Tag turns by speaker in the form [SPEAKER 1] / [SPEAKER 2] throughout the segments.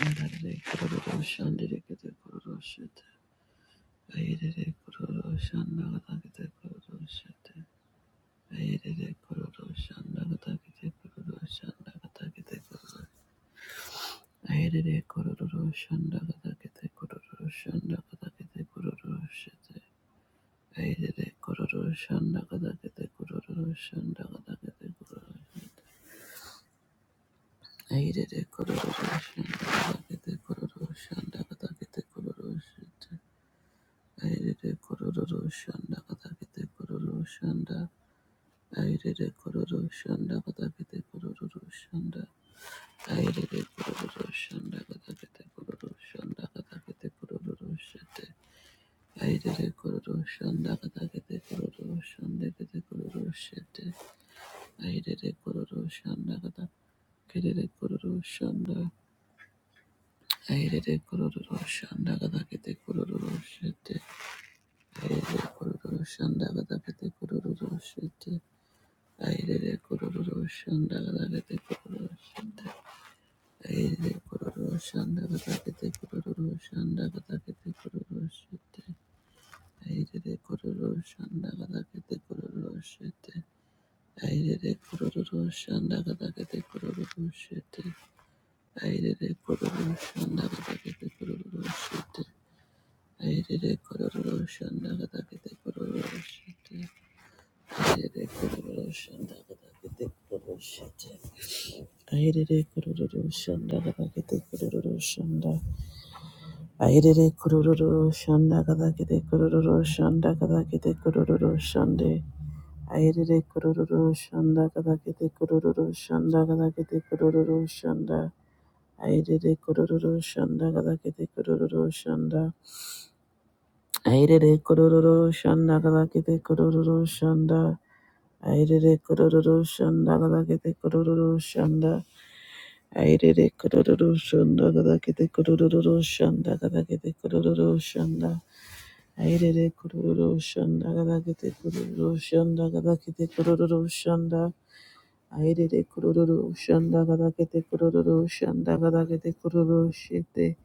[SPEAKER 1] Yarare kororo shandere kete kororo shete. Ayerere kororo shandagata kete kororo shete. Ayerere kororo shandagata kete kororo shandagata kete kororo. Ayerere kororo shandagata kete kororo shandagata kete kororo shete. Ayerere kororo shandagata kete kororo shandagata kete kororo. Airere kororo shanda katakete kororo shanda. Airere kororo shanda katakete kororo shanda. Airere kororo shanda katakete kororo shanda katakete kororo shete. Airere kororo shanda katakete kororo shanda kete kororo shete. Airere kororo shanda katakete kororo shanda. Airere kororo shanda katakete kororo shete. Airere kororo shanda katakete kororo shete. Aire kororo shanda gadagete kororo shanda. Aire kororo shanda gadagete kororo shanda gadagete kororo shete. Aire kororo shanda gadagete kororo shete. Aire kororo shanda gadagete kororo shete. Aire kororo shanda gadagete kororo shete. Aire kororo shanda gadagete kororo shete. Aire kororo shanda gadagete kororo shete. Aherere kururu shanda kadakete kururu shanda. Aherere kururu shanda kadakete kururu shanda kadakete kururu shande. Aherere kururu shanda kadakete kururu shanda kadakete kururu shanda. Aherere kururu shanda kadakete kururu shanda. Aherere kururu shanda kadakete kururu shanda. Aherere kururu shanda kadakete kururu shanda. Airere kororo shanda gada kete kororo shanda gada kete kororo shanda. Airere kororo shanda gada kete kororo shanda gada kete kororo shanda. Airere kororo shanda gada kete kororo shanda gada kete kororo shete.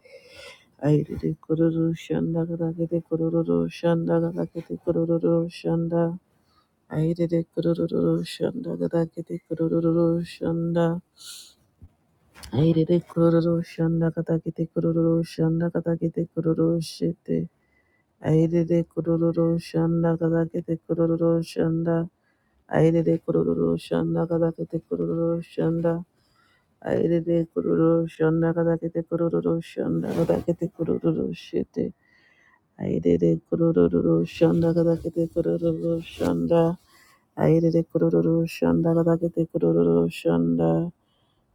[SPEAKER 1] Airere kororo shanda gada kete kororo shanda gada kete kororo shanda. Airere kororo shanda gada kete kororo shanda. Airere kororo shanda katakete kororo shanda katakete kororo shete. Airere kororo shanda katakete kororo shanda. Airere kororo shanda katakete kororo shanda. Airere kororo shanda katakete kororo shanda katakete kororo shete. Airere kororo shanda katakete kororo shanda. Airere kororo shanda katakete kororo shanda.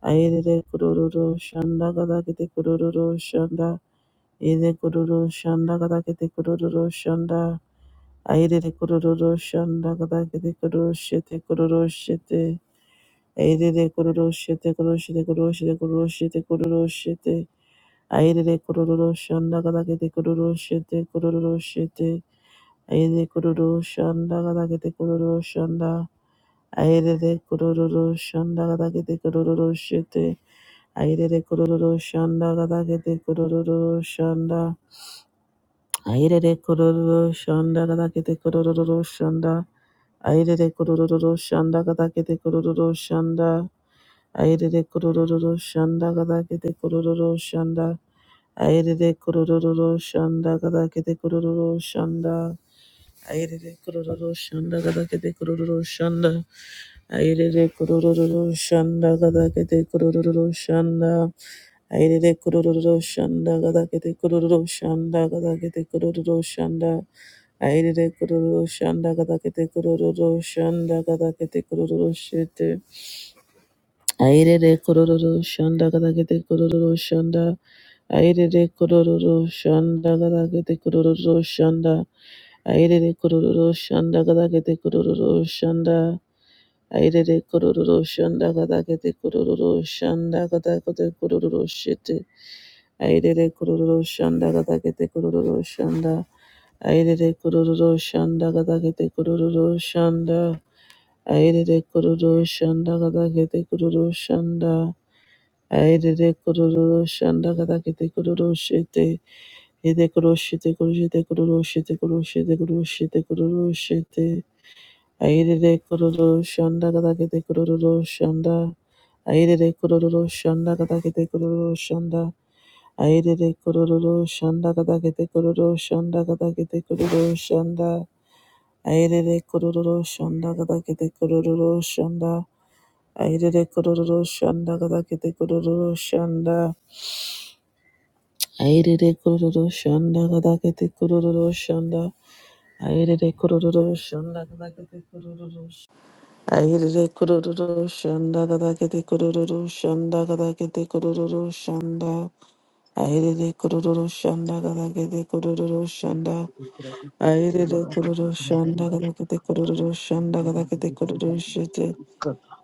[SPEAKER 1] Ayerere kururu shanda gada kete kururu shanda. Ede kururu shanda gada kete kururu shanda. Ayerere kururu shanda gada kete kururu shete kururu shete. Ayerere kururu shete kururu shete kururu shete kururu shete kururu shete. Ayerere kururu shanda gada kete kururu shete kururu shete. Ayerere kururu shanda gada kete kururu shanda. Ayerere kururu shanda gada kete kururu shete. Airere kororo shanda gada gede kororo shanda. Airere kororo shanda gada gede kororo shanda. Airere kororo shanda gada gede kororo shanda. Airere kororo shanda gada gede kororo shanda. Airere kororo shanda gada gede kororo shanda. Airere kororo shanda gada gede kororo shanda. Airere kurururu shanda gada gadakete kurururu shanda. Airere kurururu shanda gada gadakete kurururu shanda gada gadakete kurururu shanda. Airere kurururu shanda gada gadakete kurururu shanda gada gadakete kurururu shete. Airere kurururu shanda gada gadakete kurururu shanda. Airere kurururu shanda gada gadakete kurururu shanda. Airere kurururu shanda gada gadakete kurururu shanda. Airere kororo shanda katakete kororo shanda katakete kororo shete. Airere kororo shanda katakete kororo shanda. Airere kororo shanda katakete kororo shanda. Airere kororo shanda katakete kororo shanda. Airere kororo shanda katakete kororo shete. Ede koro shete koro shete koro shete koro shete koro shete koro shete. Airere kororo shanda gadagede kororo shanda. Airere kororo shanda gadagede kororo shanda. Airere kororo shanda gadagede kororo shanda gadagede kororo shanda. Airere kororo shanda gadagede kororo shanda. Airere kororo shanda gadagede kororo shanda. Airere kororo shanda gadagede kororo shanda. Airere kororo shanda gadagede kororo shanda. Ayerere kururu shanda gada kete kururu shanda gada kete kururu shanda. Ayerere kururu shanda gada kete kururu shanda.
[SPEAKER 2] Mandele
[SPEAKER 1] Ayerere kururu shanda gada kete kururu shanda gada kete kururu shete.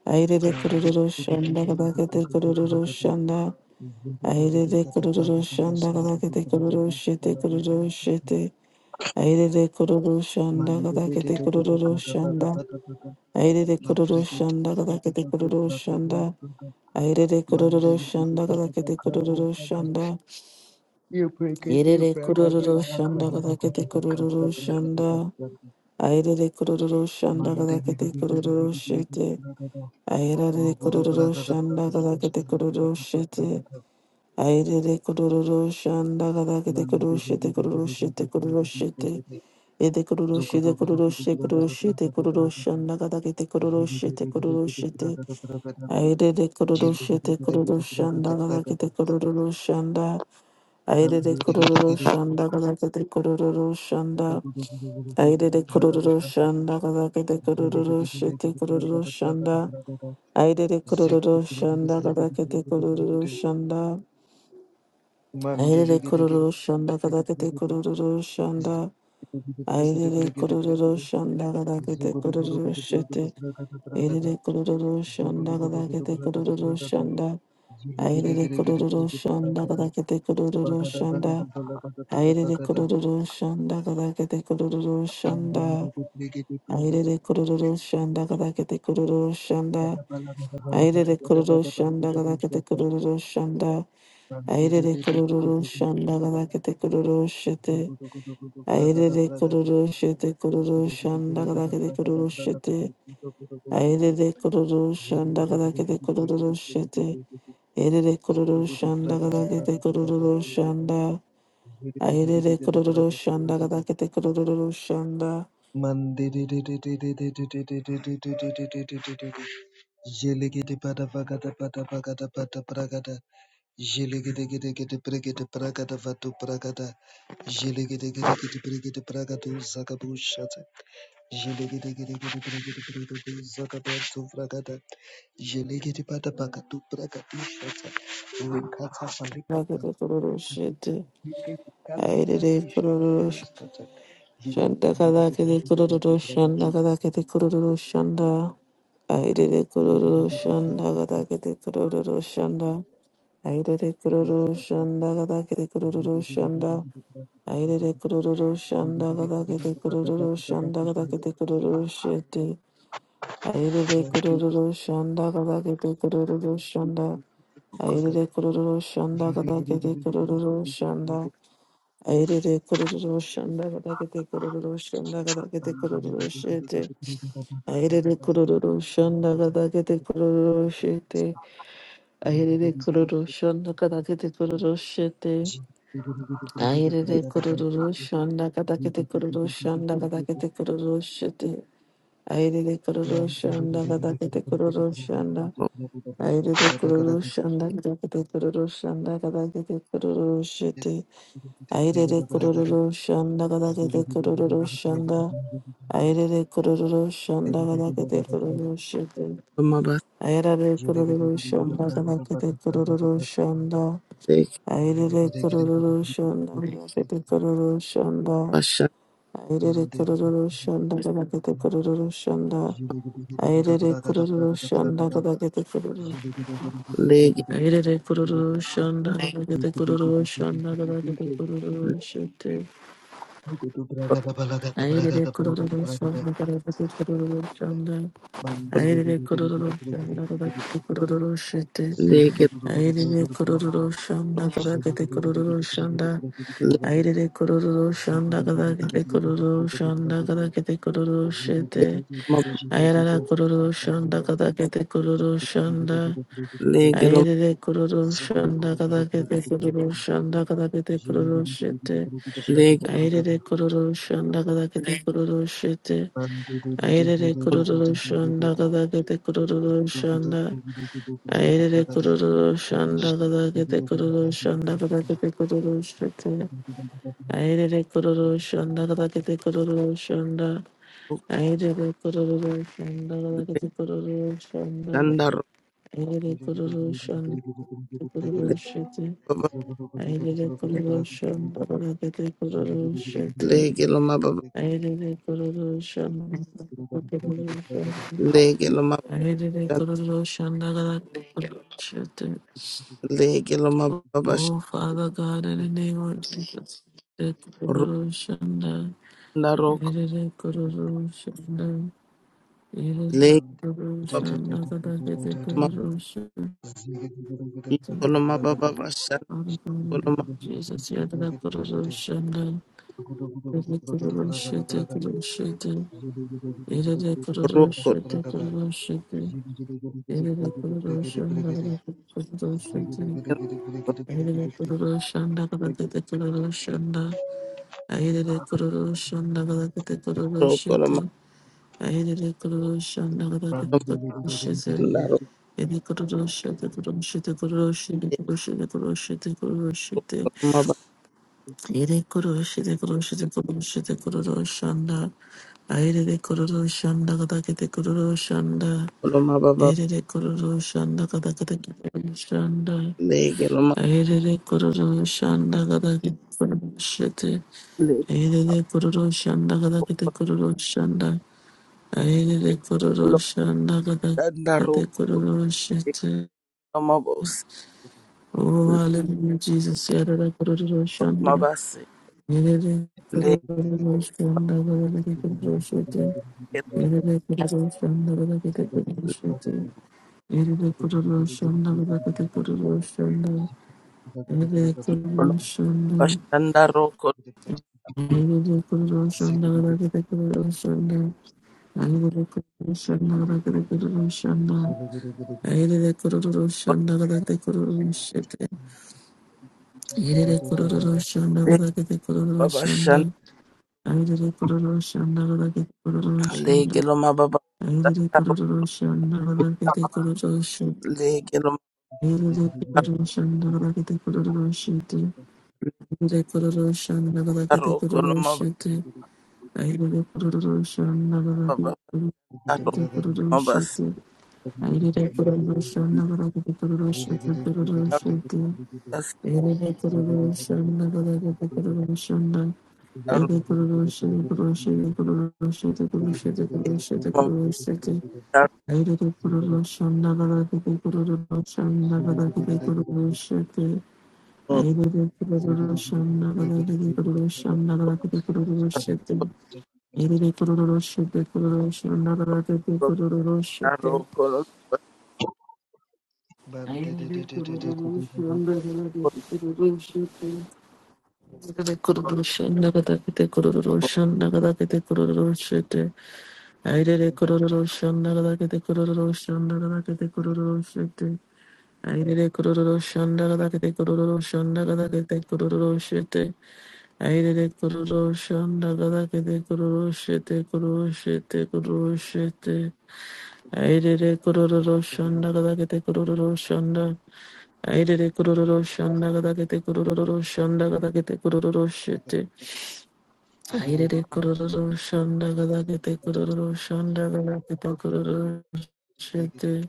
[SPEAKER 1] Ayerere kururu shanda gada kete kururu shanda. Ayerere kururu shanda gada kete kururu shete kururu shete. Ayerere kururu shanda gada kete kururu shanda. Aire Airere kororo shanda kakakete kororo shanda. Aire Airere kororo shanda kakakete kororo shanda. Airere kororo shanda kakakete kororo shanda. Airere kororo shanda kakakete kororo shete.
[SPEAKER 2] Guru
[SPEAKER 1] Airere kororo
[SPEAKER 2] prakata
[SPEAKER 1] shanda
[SPEAKER 2] prakata
[SPEAKER 1] kakakete
[SPEAKER 2] kashmiri
[SPEAKER 1] kororo shete. Aire Airere kororo shanda kakakete
[SPEAKER 2] mandi
[SPEAKER 1] kororo
[SPEAKER 2] devi
[SPEAKER 1] shete
[SPEAKER 2] devi devi
[SPEAKER 1] kororo
[SPEAKER 2] devi
[SPEAKER 1] shete
[SPEAKER 2] devi
[SPEAKER 1] kororo shete.
[SPEAKER 2] devi
[SPEAKER 1] Ede kororo
[SPEAKER 2] zoko
[SPEAKER 1] shete
[SPEAKER 2] zoko
[SPEAKER 1] kororo
[SPEAKER 2] zoko zoko
[SPEAKER 1] shete kororo
[SPEAKER 2] prakata
[SPEAKER 1] shete
[SPEAKER 2] prakata
[SPEAKER 1] kororo shanda kakakete kororo
[SPEAKER 2] jili devi
[SPEAKER 1] shete
[SPEAKER 2] devi
[SPEAKER 1] kororo
[SPEAKER 2] devi
[SPEAKER 1] shete.
[SPEAKER 2] prakata prakata
[SPEAKER 1] Aire de
[SPEAKER 2] jili devi
[SPEAKER 1] kororoshe te
[SPEAKER 2] devi devi
[SPEAKER 1] kororoshanda
[SPEAKER 2] prakata
[SPEAKER 1] galake
[SPEAKER 2] prakata
[SPEAKER 1] te kororoshanda. Aire
[SPEAKER 2] mandi
[SPEAKER 1] de
[SPEAKER 2] devi devi devi zoko
[SPEAKER 1] kororoshanda galake te kororoshanda.
[SPEAKER 2] zoko zoko zoko
[SPEAKER 1] Aire
[SPEAKER 2] zoko
[SPEAKER 1] de
[SPEAKER 2] prakata prakata
[SPEAKER 1] kororoshanda galake te
[SPEAKER 2] jili devi devi
[SPEAKER 1] kororoshe te
[SPEAKER 2] devi prakata prakata
[SPEAKER 1] kororoshanda.
[SPEAKER 2] prakata
[SPEAKER 1] Aire de
[SPEAKER 2] zik devi devi
[SPEAKER 1] kororoshanda
[SPEAKER 2] devi
[SPEAKER 1] galake
[SPEAKER 2] devi
[SPEAKER 1] te
[SPEAKER 2] devi devi
[SPEAKER 1] kororoshanda.
[SPEAKER 2] mandi
[SPEAKER 1] Aire de
[SPEAKER 2] devi devi
[SPEAKER 1] kororoshanda galake
[SPEAKER 2] devi
[SPEAKER 1] te
[SPEAKER 2] devi devi zik
[SPEAKER 1] kororoshanda.
[SPEAKER 2] devi devi
[SPEAKER 1] Aire de
[SPEAKER 2] devi devi devi devi
[SPEAKER 1] kororoshanda galake te
[SPEAKER 2] Zugudu
[SPEAKER 1] kororoshete. Aire de kororoshanda galake te kororoshanda. Airere kororo shanda kada kadakete kororo shanda. Airere kororo shanda kada kadakete kororo shanda. Airere kororo shanda kada kadakete kororo shanda. Airere kororo shanda kada kete kororo shanda. Airere kororo shanda kadakete kororo shete. Airere kororo shete kororo shanda kadakete kororo shete. Airere kororo shanda kada kadakete kororo shete. Erere kororo shanda gada kete kororo shanda.
[SPEAKER 2] Jelly
[SPEAKER 1] Ayerere kororo shanda gada kete kororo shanda.
[SPEAKER 2] Jele
[SPEAKER 1] Gada kororo shete. Ayerere kororo sh- shanda gada kete kororo shanda gada kete kororo shanda. Ayerere kororo shanda gada kete kororo shanda. Ayerere kororo shanda gada kete kororo shanda. Ayerere kororo shanda gada kete kororo shanda gada kete kororo shete. Airele kururu shanda kada kete kururu shanda. Airele kururu shanda kada kete kururu shanda. Airele kururu shanda kada kete kururu shanda kada kete kururu
[SPEAKER 2] Thank
[SPEAKER 1] shete. Airele kururu shanda kada kete kururu shete. Airele kururu shanda kada kete kururu shete. Airele kururu shanda kada kete kururu shanda kada kete kururu shete. Airele kururu shanda kada kete kururu shanda. Aire kururu shanda kadakete kururu shanda kadakete kururu shete. Aire kururu shanda kadakete kururu shanda. Aire kururu shanda kadakete kururu shete.
[SPEAKER 3] Mabase
[SPEAKER 1] Aire kururu shanda kadakete kururu shanda. Aire kururu shanda kadakete kururu shanda.
[SPEAKER 3] basha
[SPEAKER 1] Aire kururu shanda kadakete kururu shanda. Aire kururu shanda
[SPEAKER 2] you.
[SPEAKER 1] kadakete
[SPEAKER 2] Zogo
[SPEAKER 1] kururu shanda.
[SPEAKER 3] lege
[SPEAKER 1] Ayerere kururu shonda ayerere kururu shonda ayerere kururu shete ayerere kururu shonda ayerere kururu shonda ayerere kururu shonda
[SPEAKER 3] lege
[SPEAKER 1] ayerere kururu shete ayerere kururu shonda
[SPEAKER 3] lege
[SPEAKER 1] ayerere kururu shonda ayerere kururu shonda ayerere kururu shonda ayerere kururu shete
[SPEAKER 3] mab
[SPEAKER 1] ayerere kururu shonda ayerere kururu shonda
[SPEAKER 3] lege lo
[SPEAKER 1] Airele kururu shanda kada kete kururu shanda kada kete
[SPEAKER 2] Thank
[SPEAKER 1] kururu shete.
[SPEAKER 3] lege
[SPEAKER 1] Airele kururu shanda kada kete kururu shete. Airele
[SPEAKER 3] lo
[SPEAKER 1] kururu shanda kada kete kururu shanda. Airele kururu shanda kada kete kururu shanda kada kete kururu shete. Airele kururu shanda kada kete kururu shanda. Airele kururu shanda kada kete kururu shanda.
[SPEAKER 3] shandar
[SPEAKER 1] Airele kururu shanda kada kete kururu
[SPEAKER 2] you.
[SPEAKER 1] shete.
[SPEAKER 3] baba
[SPEAKER 1] I I I I did did did a correlation,
[SPEAKER 3] lege loma
[SPEAKER 1] I
[SPEAKER 3] lege loma
[SPEAKER 1] did a correlation,
[SPEAKER 3] lege loma bash
[SPEAKER 1] Oh, Father God, in the name of Jesus. the correlation,
[SPEAKER 3] runda
[SPEAKER 1] I
[SPEAKER 3] roko
[SPEAKER 1] did a correlation, I did a
[SPEAKER 3] lege
[SPEAKER 1] correlation, I did a
[SPEAKER 3] loma
[SPEAKER 1] correlation.
[SPEAKER 2] Ziggy
[SPEAKER 3] loma basha
[SPEAKER 1] Father God, in the name
[SPEAKER 3] loma
[SPEAKER 1] of Jesus, yeah, the Kuroshan, the Kuroshan, the Yerine kurulu
[SPEAKER 3] roko
[SPEAKER 1] şirketi kurulu şirketi. Yerine kurulu şanda kadar kurulu şirketi. Yerine kurulu şanda kadar kurulu şanda. Yerine kurulu şanda kadar kurulu
[SPEAKER 3] roko loma
[SPEAKER 1] şirketi. Yerine kurulu şanda kadar kurulu şirketi. Yerine kurulu şirketi kurulu şirketi kurulu şirketi kurulu şirketi kurulu şirketi kurulu şirketi.
[SPEAKER 3] loma
[SPEAKER 1] Yerine kurulu şirketi kurulu şirketi kurulu şirketi Aire de kororo shanda gada kete kororo shanda.
[SPEAKER 3] loma loma
[SPEAKER 1] Erere kororo shanda kada kada kikororo shanda.
[SPEAKER 3] lege loma
[SPEAKER 1] Erere kororo shanda kada kikororo shete.
[SPEAKER 3] lege
[SPEAKER 1] Erere kororo shanda kada kete kororo shanda. Erere kororo
[SPEAKER 3] loma
[SPEAKER 1] shanda kada
[SPEAKER 3] shandar
[SPEAKER 1] kete kororo
[SPEAKER 3] rok
[SPEAKER 1] shete. Oh, hallelujah, Jesus. Erere kororo shanda.
[SPEAKER 3] Mabasi
[SPEAKER 1] Erere
[SPEAKER 3] le
[SPEAKER 1] kororo shanda kada kete kororo shete. Erere kororo shanda kada kete kororo shete. Erere kororo shanda kada kete kororo shanda.
[SPEAKER 3] kolo
[SPEAKER 1] Shonda,
[SPEAKER 3] bashanda ro kolo
[SPEAKER 1] I will put roshanda, roshanda, I will put roshanda, roshanda, I will put roshanda, roshanda, I will put roshanda, roshanda, I
[SPEAKER 2] Zulu
[SPEAKER 1] will put roshanda, roshanda,
[SPEAKER 3] le babashan
[SPEAKER 1] I will put roshanda, roshanda,
[SPEAKER 3] le
[SPEAKER 1] I
[SPEAKER 3] gelo mababa
[SPEAKER 1] will put
[SPEAKER 3] ro le gelo mababa
[SPEAKER 1] roshanda,
[SPEAKER 3] ro kolo
[SPEAKER 1] Shanda, I did a production, never
[SPEAKER 3] mababa ro
[SPEAKER 1] a
[SPEAKER 3] mabas
[SPEAKER 1] production. I did a production, never a production, the production.
[SPEAKER 3] mabas
[SPEAKER 1] I did a production, never a production. I
[SPEAKER 3] ro
[SPEAKER 1] did a production, production, the production, the production, the production, the production.
[SPEAKER 3] mababa
[SPEAKER 1] I did a production, never a production, never a production. I did a production, never a production, never a production. Elele kururu şete kururu şunlara da tete kururu
[SPEAKER 3] ro
[SPEAKER 1] şete.
[SPEAKER 3] kolo
[SPEAKER 1] Elele kururu şunlara da tete kururu şete. Elele kururu şunlara da tete kururu şunlara da tete kururu şete. Elele kururu şunlara da tete kururu şunlara da tete kururu şete. Elele kururu şunlara da tete kururu şunlara da tete kururu şete. Elele kururu şunlara da tete kururu şete kururu şete kururu şete. Aidede kurururu shonda gadagete kurururu shonda. Aidede kurururu shonda gadagete kurururu shonda gadagete kurururu shite. Aidede kurururu shonda gadagete kurururu shonda gadagete
[SPEAKER 2] Listen to the
[SPEAKER 1] kurururu
[SPEAKER 2] word.
[SPEAKER 1] shite.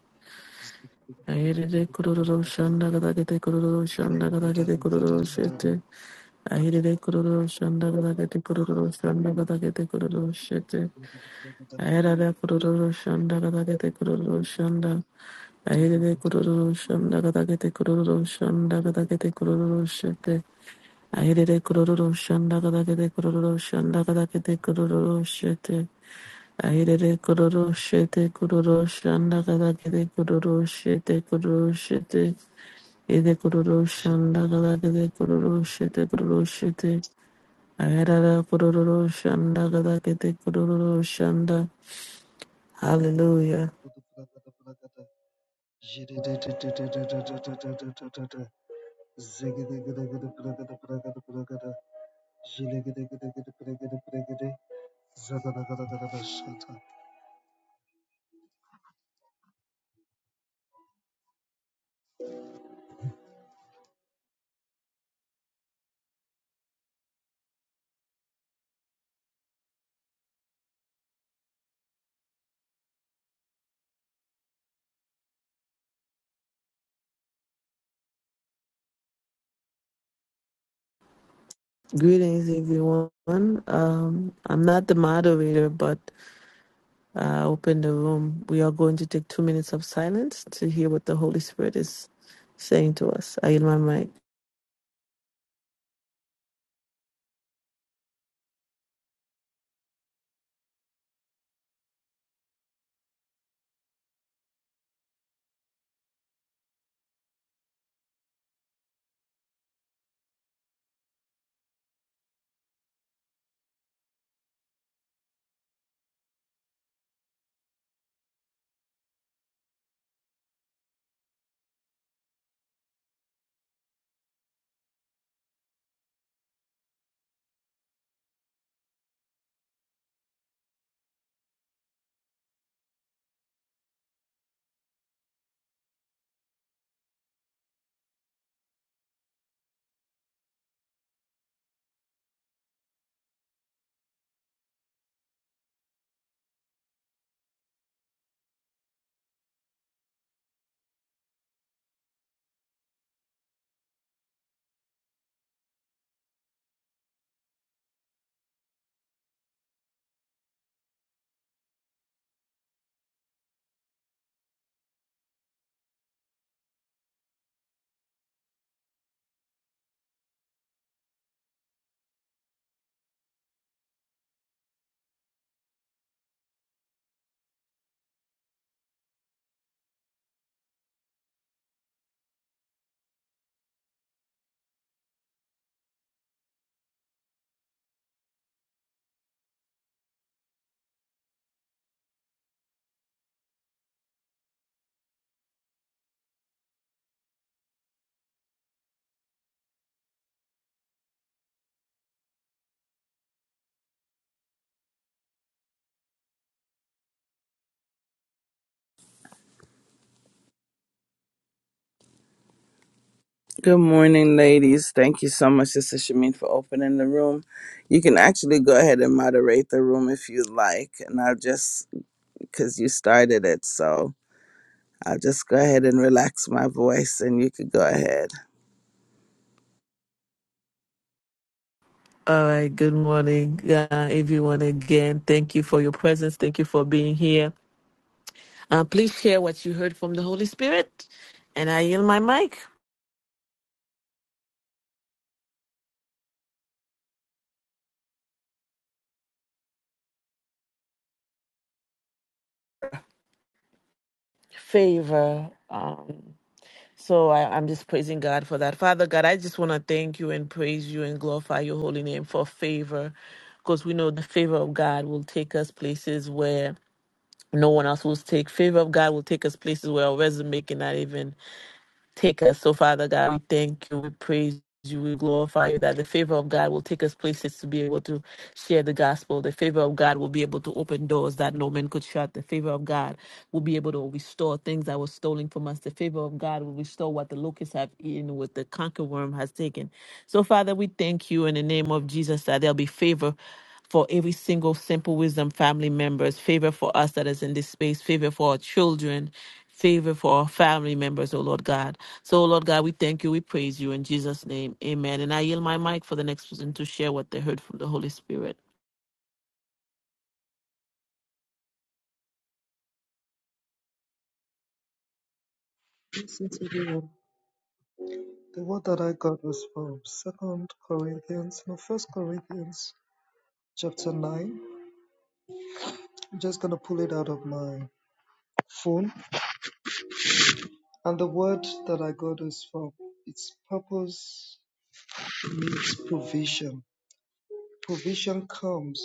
[SPEAKER 1] Aidede kurururu shonda gadagete kurururu shonda gadagete kurururu shite. Aidede kurururu shonda gadagete kurururu shonda gadagete kurururu shite. Aidede kurururu shonda gadagete kurururu shonda. Ahere de kururu shanda gada gete kururu shanda gada gete kururu shete. Ahere de kururu shanda gada gete kururu shanda gada gete kururu shete. Ahere de kururu shete kururu shanda gada gete kururu shete kururu shete. Ede kururu shanda gada gete kururu shete kururu shete. Ahere de kururu shanda gada gete kururu shanda. Hallelujah. Greetings, everyone. Um, I'm not the moderator, but I open the room. We are going to take two minutes of silence to hear what the Holy Spirit is saying to us. I yield my mic.
[SPEAKER 3] Good morning, ladies. Thank you so much, Sister Shamin, for opening the room. You can actually go ahead and moderate the room if you like. And I'll just, because you started it, so. I'll just go ahead and relax my voice and you could go ahead.
[SPEAKER 1] All right. Good morning, uh, everyone. Again, thank you for your presence. Thank you for being here. Uh, please share what you heard from the Holy Spirit, and I yield my mic. Favor. Um, So I, I'm just praising God for that. Father God, I just want to thank you and praise you and glorify your holy name for favor. Because we know the favor of God will take us places where no one else will take. Favor of God will take us places where our resume cannot even take us. So, Father God, we thank you, we praise you, we glorify you, that the favor of God will take us places to be able to share the gospel. The favor of God will be able to open doors that no man could shut. The favor of God will be able to restore things that were stolen from us. The favor of God will restore what the locusts have eaten, what the cankerworm has taken. So, Father, we thank you in the name of Jesus that there'll be favor for every single Simple Wisdom family members, favor for us that is in this space, favor for our children, favor for our family members, oh Lord God. So, oh Lord God, we thank you, we praise you in Jesus' name. Amen. And I yield my mic for the next person to share what they heard from the Holy Spirit.
[SPEAKER 2] The word that I got was from Second Corinthians, no First Corinthians, chapter nine. I'm just gonna pull it out of my phone. And the word that I got is for its purpose means provision. Provision comes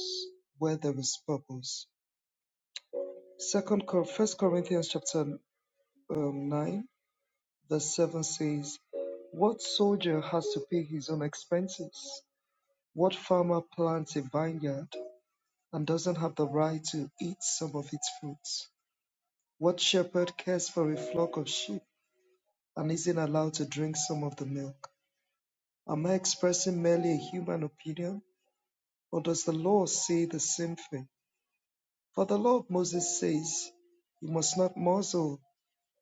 [SPEAKER 2] where there is purpose. Second, Cor- First Corinthians chapter um, nine, verse seven says, "What soldier has to pay his own expenses? What farmer plants a vineyard and doesn't have the right to eat some of its fruits? What shepherd cares for a flock of sheep?" and isn't allowed to drink some of the milk. Am I expressing merely a human opinion, or does the law say the same thing? For the law of Moses says, You must not muzzle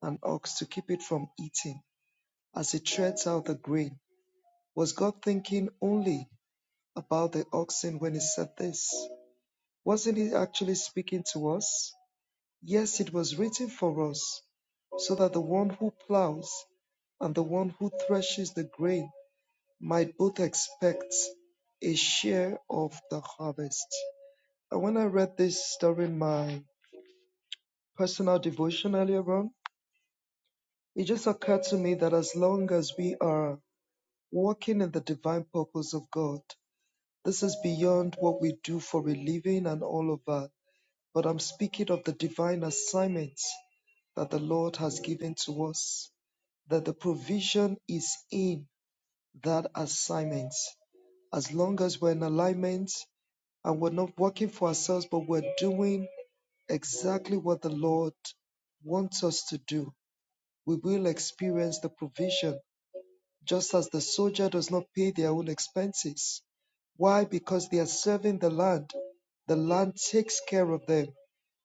[SPEAKER 2] an ox to keep it from eating, as it treads out the grain. Was God thinking only about the oxen when he said this? Wasn't he actually speaking to us? Yes, it was written for us, so that the one who plows and the one who threshes the grain My booth expects a share of the harvest. And when I read this during my personal devotion earlier on, it just occurred to me that as long as we are walking in the divine purpose of God, this is beyond what we do for a living and all of that. But I'm speaking of the divine assignments that the Lord has given to us, that the provision is in. that assignment. As long as we're in alignment and we're not working for ourselves, but we're doing exactly what the Lord wants us to do, we will experience the provision, just as the soldier does not pay their own expenses. Why? Because they are serving the land. The land takes care of them.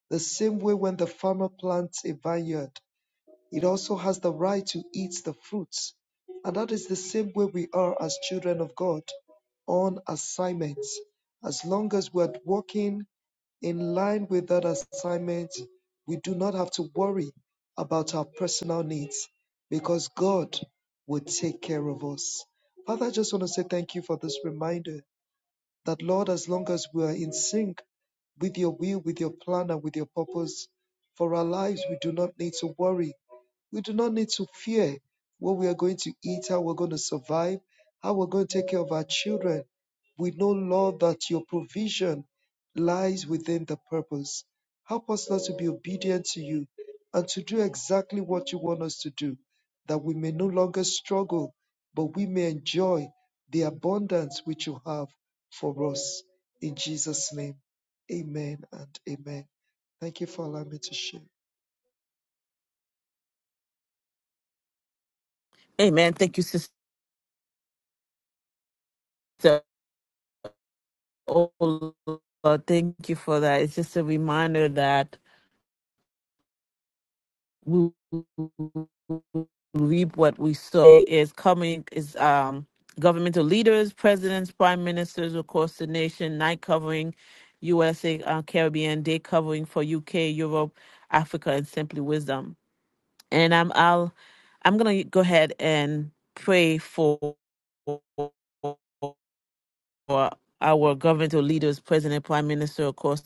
[SPEAKER 2] The same way when the farmer plants a vineyard, it also has the right to eat the fruits. And that is the same way we are as children of God on assignments. As long as we're walking in line with that assignment, we do not have to worry about our personal needs because God will take care of us. Father, I just want to say thank you for this reminder that, Lord, as long as we are in sync with your will, with your plan, and with your purpose for our lives, we do not need to worry we do not need to fear what we are going to eat, how we're going to survive, how we're going to take care of our children. We know, Lord, that your provision lies within the purpose. Help us, Lord, to be obedient to you and to do exactly what you want us to do, that we may no longer struggle, but we may enjoy the abundance which you have for us. In Jesus' name, amen and amen. Thank you for allowing me to share.
[SPEAKER 1] Amen. Thank you, sister. Oh Lord, thank you for that. It's just a reminder that. we reap what we sow is coming is um governmental leaders, presidents, prime ministers across the nation, night covering USA uh, Caribbean, day covering for UK, Europe, Africa, and simply wisdom. And I'm I'll I'm gonna go ahead and pray for our governmental leaders, president, prime minister across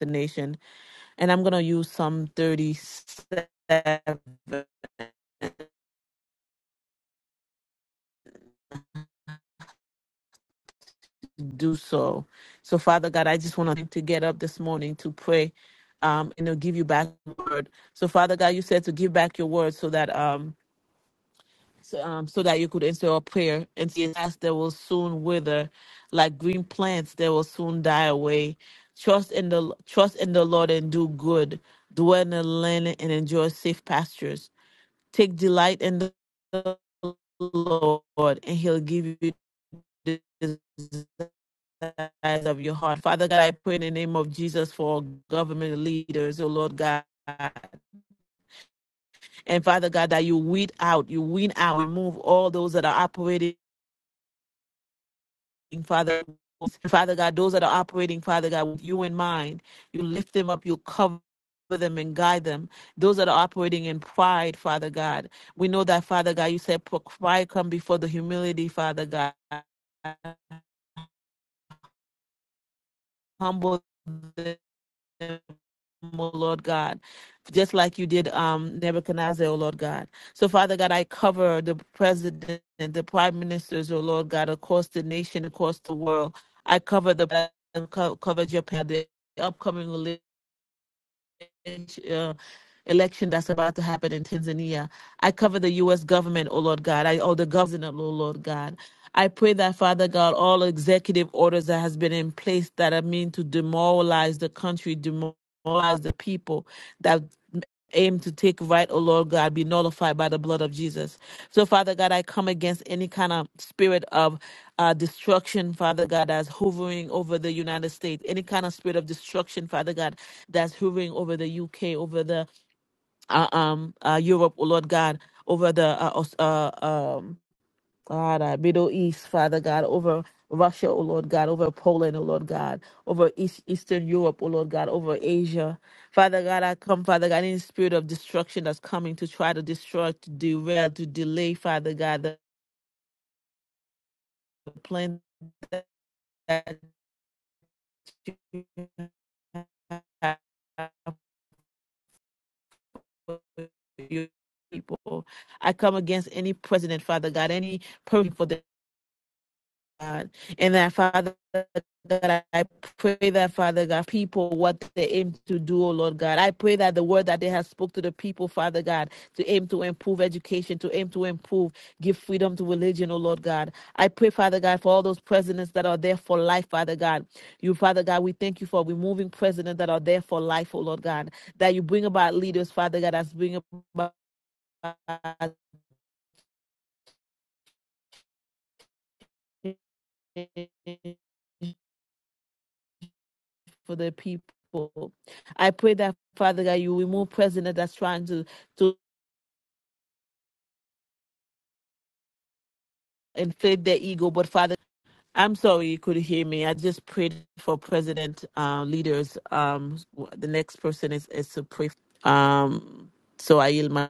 [SPEAKER 1] the nation. And I'm gonna use Psalm 37 do so. So, Father God, I just want to to get up this morning to pray, um, and to give you back your word. So, Father God, you said to give back your word so that um, so, um, so that you could answer our prayer. And yes, as they will soon wither, like green plants, they will soon die away. Trust in the trust in the Lord and do good. Dwell in the land and enjoy safe pastures. Take delight in the Lord, and He'll give you. the eyes of your heart. Father God, I pray in the name of Jesus for government leaders, oh Lord God. And Father God, that you weed out, you weed out, remove all those that are operating, Father. Father God, those that are operating, Father God, with you in mind, you lift them up, you cover them and guide them. Those that are operating in pride, Father God, we know that, Father God, you said pride come before the humility, Father God. Humble them. them, O Lord God, just like you did um, Nebuchadnezzar, Oh Lord God. So, Father God, I cover the president and the prime ministers, Oh Lord God, across the nation, across the world. I cover the cover Japan, the upcoming uh, election that's about to happen in Tanzania. I cover the U.S. government, oh Lord God. I oh the governor, oh Lord God. I pray that Father God, all executive orders that has been in place that are mean to demoralize the country, demoralize the people that aim to take right, oh Lord God, be nullified by the blood of Jesus. So, Father God, I come against any kind of spirit of uh, destruction, Father God, that's hovering over the United States, any kind of spirit of destruction, Father God, that's hovering over the UK, over the uh, um uh, Europe, oh Lord God, over the uh, Aus- uh um God, uh, Middle East, Father God, over Russia, oh Lord God, over Poland, oh Lord God, over East Eastern Europe, oh Lord God, over Asia. Father God, I come, Father God, any spirit of destruction that's coming to try to destroy, to derail, to delay, Father God, the plan that you have your people. I come against any president, Father God, any person for the God. And that, Father God, I pray that, Father God, people, what they aim to do, oh Lord God. I pray that the word that they have spoke to the people, Father God, to aim to improve education, to aim to improve, give freedom to religion, oh Lord God. I pray, Father God, for all those presidents that are there for life, Father God. You, Father God, we thank you for removing presidents that are there for life, oh Lord God. That you bring about leaders, Father God, that's bring about for the people. I pray that, Father God, you remove president that's trying to, to inflate their ego. But, Father, I'm sorry you could hear me. I just prayed for president uh, leaders. Um, the next person is, is to pray. Um, so I yield my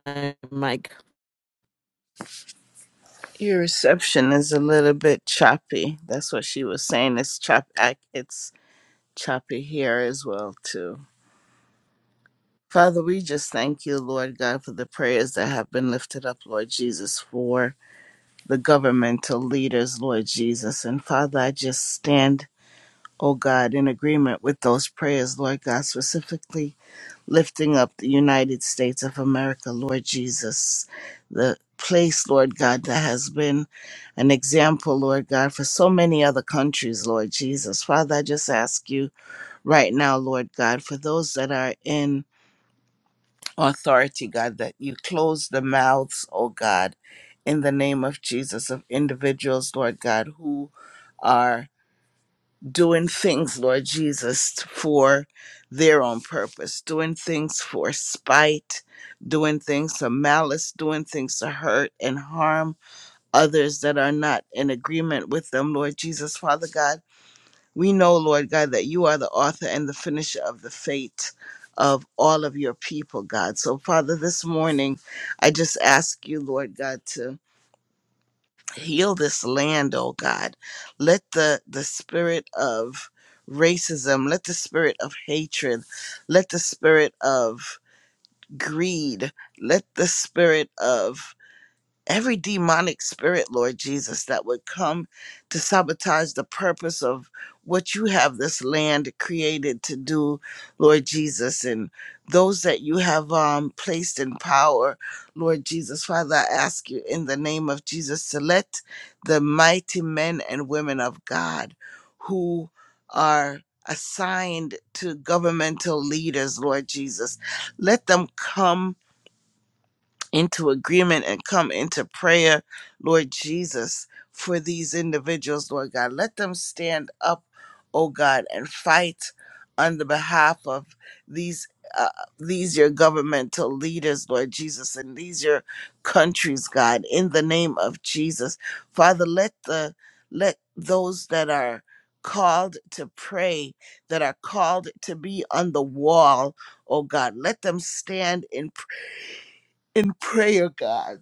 [SPEAKER 1] mic.
[SPEAKER 3] Your reception is a little bit choppy. That's what she was saying. It's chop ac- it's choppy here as well too. Father, we just thank you, Lord God, for the prayers that have been lifted up, Lord Jesus, for the governmental leaders, Lord Jesus. And Father, I just stand, oh God, in agreement with those prayers, Lord God, specifically lifting up the United States of America, Lord Jesus, the place, Lord God, that has been an example, Lord God, for so many other countries, Lord Jesus. Father, I just ask you right now, Lord God, for those that are in authority, God, that you close the mouths, oh God, in the name of Jesus, of individuals, Lord God, who are doing things, Lord Jesus, for their own purpose, doing things for spite, doing things to malice, doing things to hurt and harm others that are not in agreement with them, Lord Jesus, Father God. We know, Lord God, that you are the author and the finisher of the fate of all of your people, God. So, Father, this morning, I just ask you, Lord God, to heal this land, oh God. Let the, the spirit of racism, let the spirit of hatred, let the spirit of greed, let the spirit of every demonic spirit, Lord Jesus, that would come to sabotage the purpose of what you have this land created to do, Lord Jesus, and those that you have um, placed in power, Lord Jesus. Father, I ask you in the name of Jesus to let the mighty men and women of God who are assigned to governmental leaders, Lord Jesus, let them come into agreement and come into prayer, Lord Jesus, for these individuals, Lord God. Let them stand up, oh God, and fight on the behalf of these. Uh, these your governmental leaders, Lord Jesus, and these your countries, God, in the name of Jesus, Father, let the let those that are called to pray, that are called to be on the wall, oh God, let them stand in in prayer, God.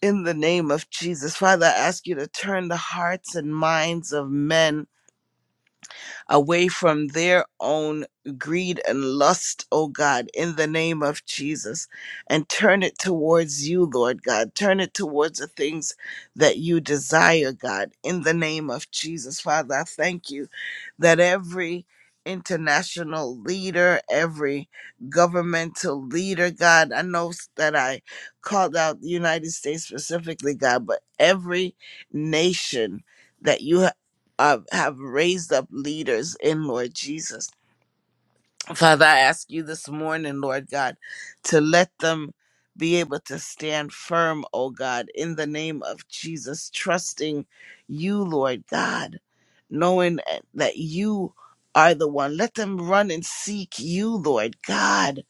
[SPEAKER 3] In the name of Jesus, Father, I ask you to turn the hearts and minds of men away from their own greed and lust, oh God, in the name of Jesus, and turn it towards you, Lord God. Turn it towards the things that you desire, God, in the name of Jesus. Father, I thank you that every international leader, every governmental leader, God, I know s- that I called out the United States specifically, God, but every nation. That you uh, have raised up leaders in Lord Jesus. Father, I ask you this morning, Lord God, to let them be able to stand firm, oh God, in the name of Jesus, trusting you, Lord God, knowing eh, that you are the one. Let them run and seek you, Lord God.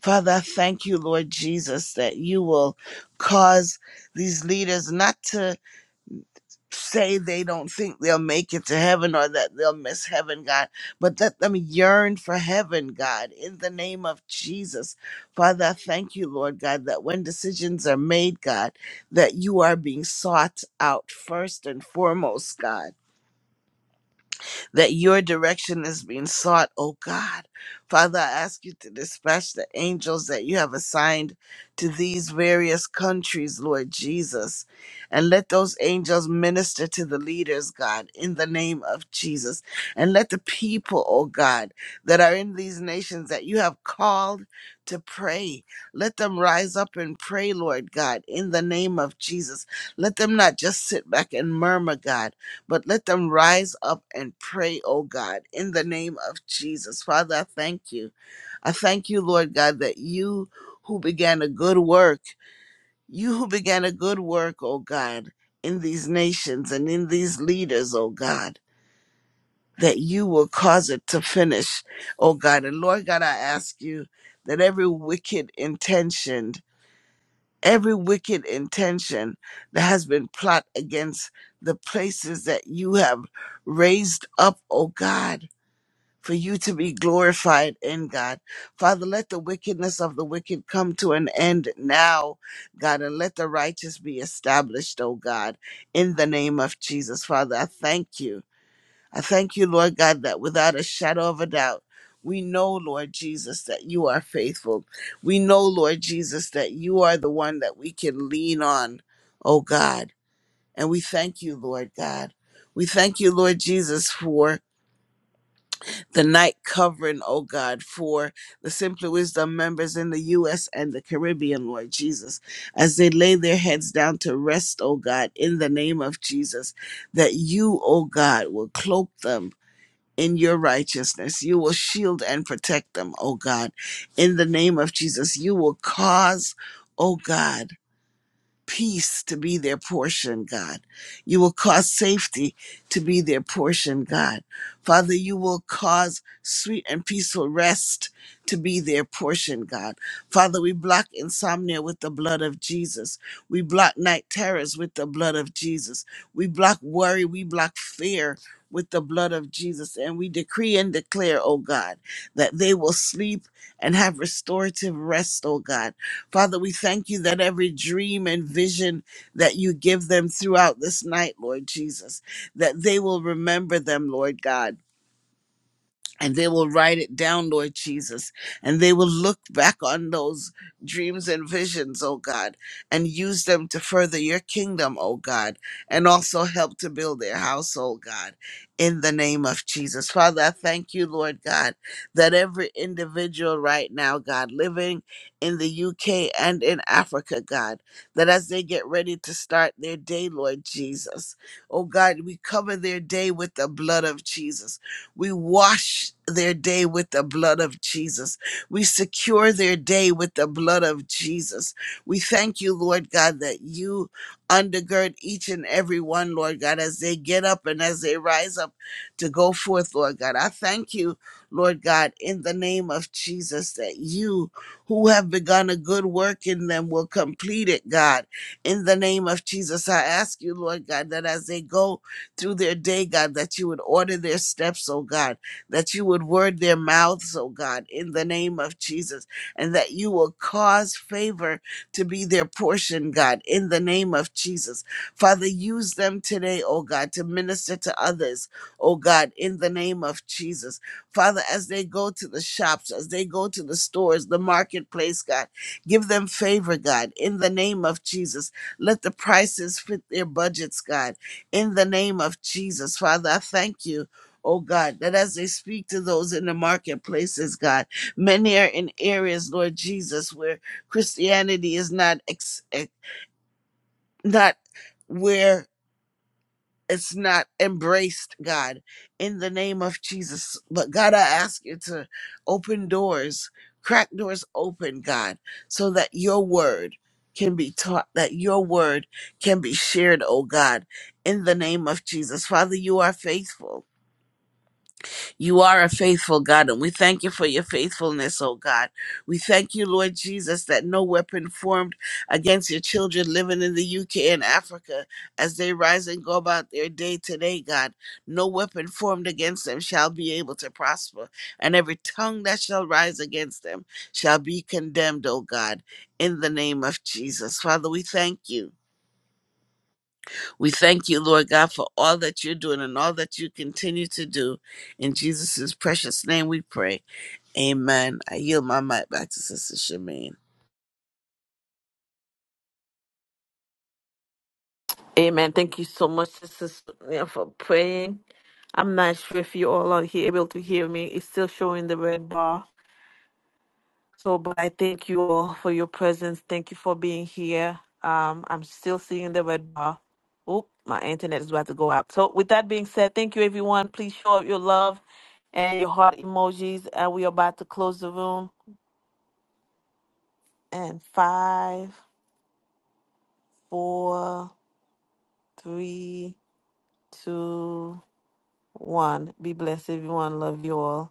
[SPEAKER 3] Father, I thank you, Lord Jesus, that you will cause these leaders not to say they don't think they'll make it to heaven or that they'll miss heaven, God, but let them yearn for heaven, God, in the name of Jesus. Father, I thank you, Lord God, that when decisions are made, God, that you are being sought out first and foremost, God that your direction is being sought, oh God. Father, I ask you to dispatch the angels that you have assigned to these various countries, Lord Jesus, and let those angels minister to the leaders, God, in the name of Jesus. And let the people, oh God, that are in these nations that you have called to pray, let them rise up and pray, Lord God, in the name of Jesus. Let them not just sit back and murmur, God but let them rise up and pray, oh God, in the name of Jesus. Father, I thank you. I thank you, Lord God, that you who began a good work, you who began a good work, oh God, in these nations and in these leaders, oh God, that you will cause it to finish, oh God. And Lord God, I ask you that every wicked intention every wicked intention that has been plot against the places that you have raised up, O God, for you to be glorified in God. Father, let the wickedness of the wicked come to an end now, God, and let the righteous be established, O God, in the name of Jesus. Father, I thank you. I thank you, Lord God, that without a shadow of a doubt, we know, Lord Jesus, that you are faithful. We know, Lord Jesus, that you are the one that we can lean on, oh God. And we thank you, Lord God. We thank you, Lord Jesus, for the night covering, oh God, for the Simply Wisdom members in the U.S. and the Caribbean, Lord Jesus, as they lay their heads down to rest, oh God, in the name of Jesus, that you, oh God, will cloak them in your righteousness. You will shield and protect them, oh God. In the name of Jesus, you will cause, oh God peace to be their portion, God. You will cause safety to be their portion, God. Father, you will cause sweet and peaceful rest to be their portion, God. Father, we block insomnia with the blood of Jesus. We block night terrors with the blood of Jesus. We block worry. We block fear. With the blood of Jesus, and we decree and declare, oh God, that they will sleep and have restorative rest, oh God Father, we thank you that every dream and vision that you give them throughout this night, Lord Jesus, that they will remember them, Lord God and they will write it down, Lord Jesus, and they will look back on those dreams and visions, oh God, and use them to further your kingdom, oh God, and also help to build their household, God, in the name of Jesus. Father, I thank you, Lord God, that every individual right now, God, living in the UK and in Africa, God, that as they get ready to start their day, Lord Jesus, oh God, we cover their day with the blood of Jesus we wash their day with the blood of Jesus. We secure their day with the blood of Jesus. We thank you, Lord God, that you undergird each and every one, Lord God, as they get up and as they rise up to go forth, Lord God. I thank you, Lord God, in the name of Jesus, that you who have begun a good work in them will complete it, God. In the name of Jesus, I ask you, Lord God, that as they go through their day, God, that you would order their steps, oh God, that you would word their mouths, oh God, in the name of Jesus, and that you will cause favor to be their portion, God, in the name of Jesus. Father, use them today, oh God, to minister to others, oh God, in the name of Jesus. Father, as they go to the shops, as they go to the stores, the marketplace, God, give them favor, God, in the name of Jesus. Let the prices fit their budgets, God in the name of Jesus. Father, I thank you. Oh God, that as they speak to those in the marketplaces, God, many are in areas, Lord Jesus, where Christianity is not ex- ex- not where it's not embraced, God, in the name of Jesus. But God, I ask you to open doors, crack doors open, God, so that your word can be taught, that your word can be shared, oh God, in the name of Jesus. Father, you are faithful. You are a faithful God, and we thank you for your faithfulness, oh God. We thank you, Lord Jesus, that no weapon formed against your children living in the UK and Africa as they rise and go about their day today, God, no weapon formed against them shall be able to prosper, and every tongue that shall rise against them shall be condemned, oh God, in the name of Jesus. Father, we thank you. We thank you, Lord God, for all that you're doing and all that you continue to do. In Jesus' precious name we pray. Amen. I yield my mic back to Sister Shamin.
[SPEAKER 1] Amen. Thank you so much, Sister Sonia, for praying. I'm not sure if you all are here, able to hear me. It's still showing the red bar. So, but I thank you all for your presence. Thank you for being here. Um, I'm still seeing the red bar. Oh, my internet is about to go out. So, with that being said, thank you everyone. Please show up your love and your heart emojis. And we are about to close the room. And five, four, three, two, one. Be blessed, everyone. Love you all.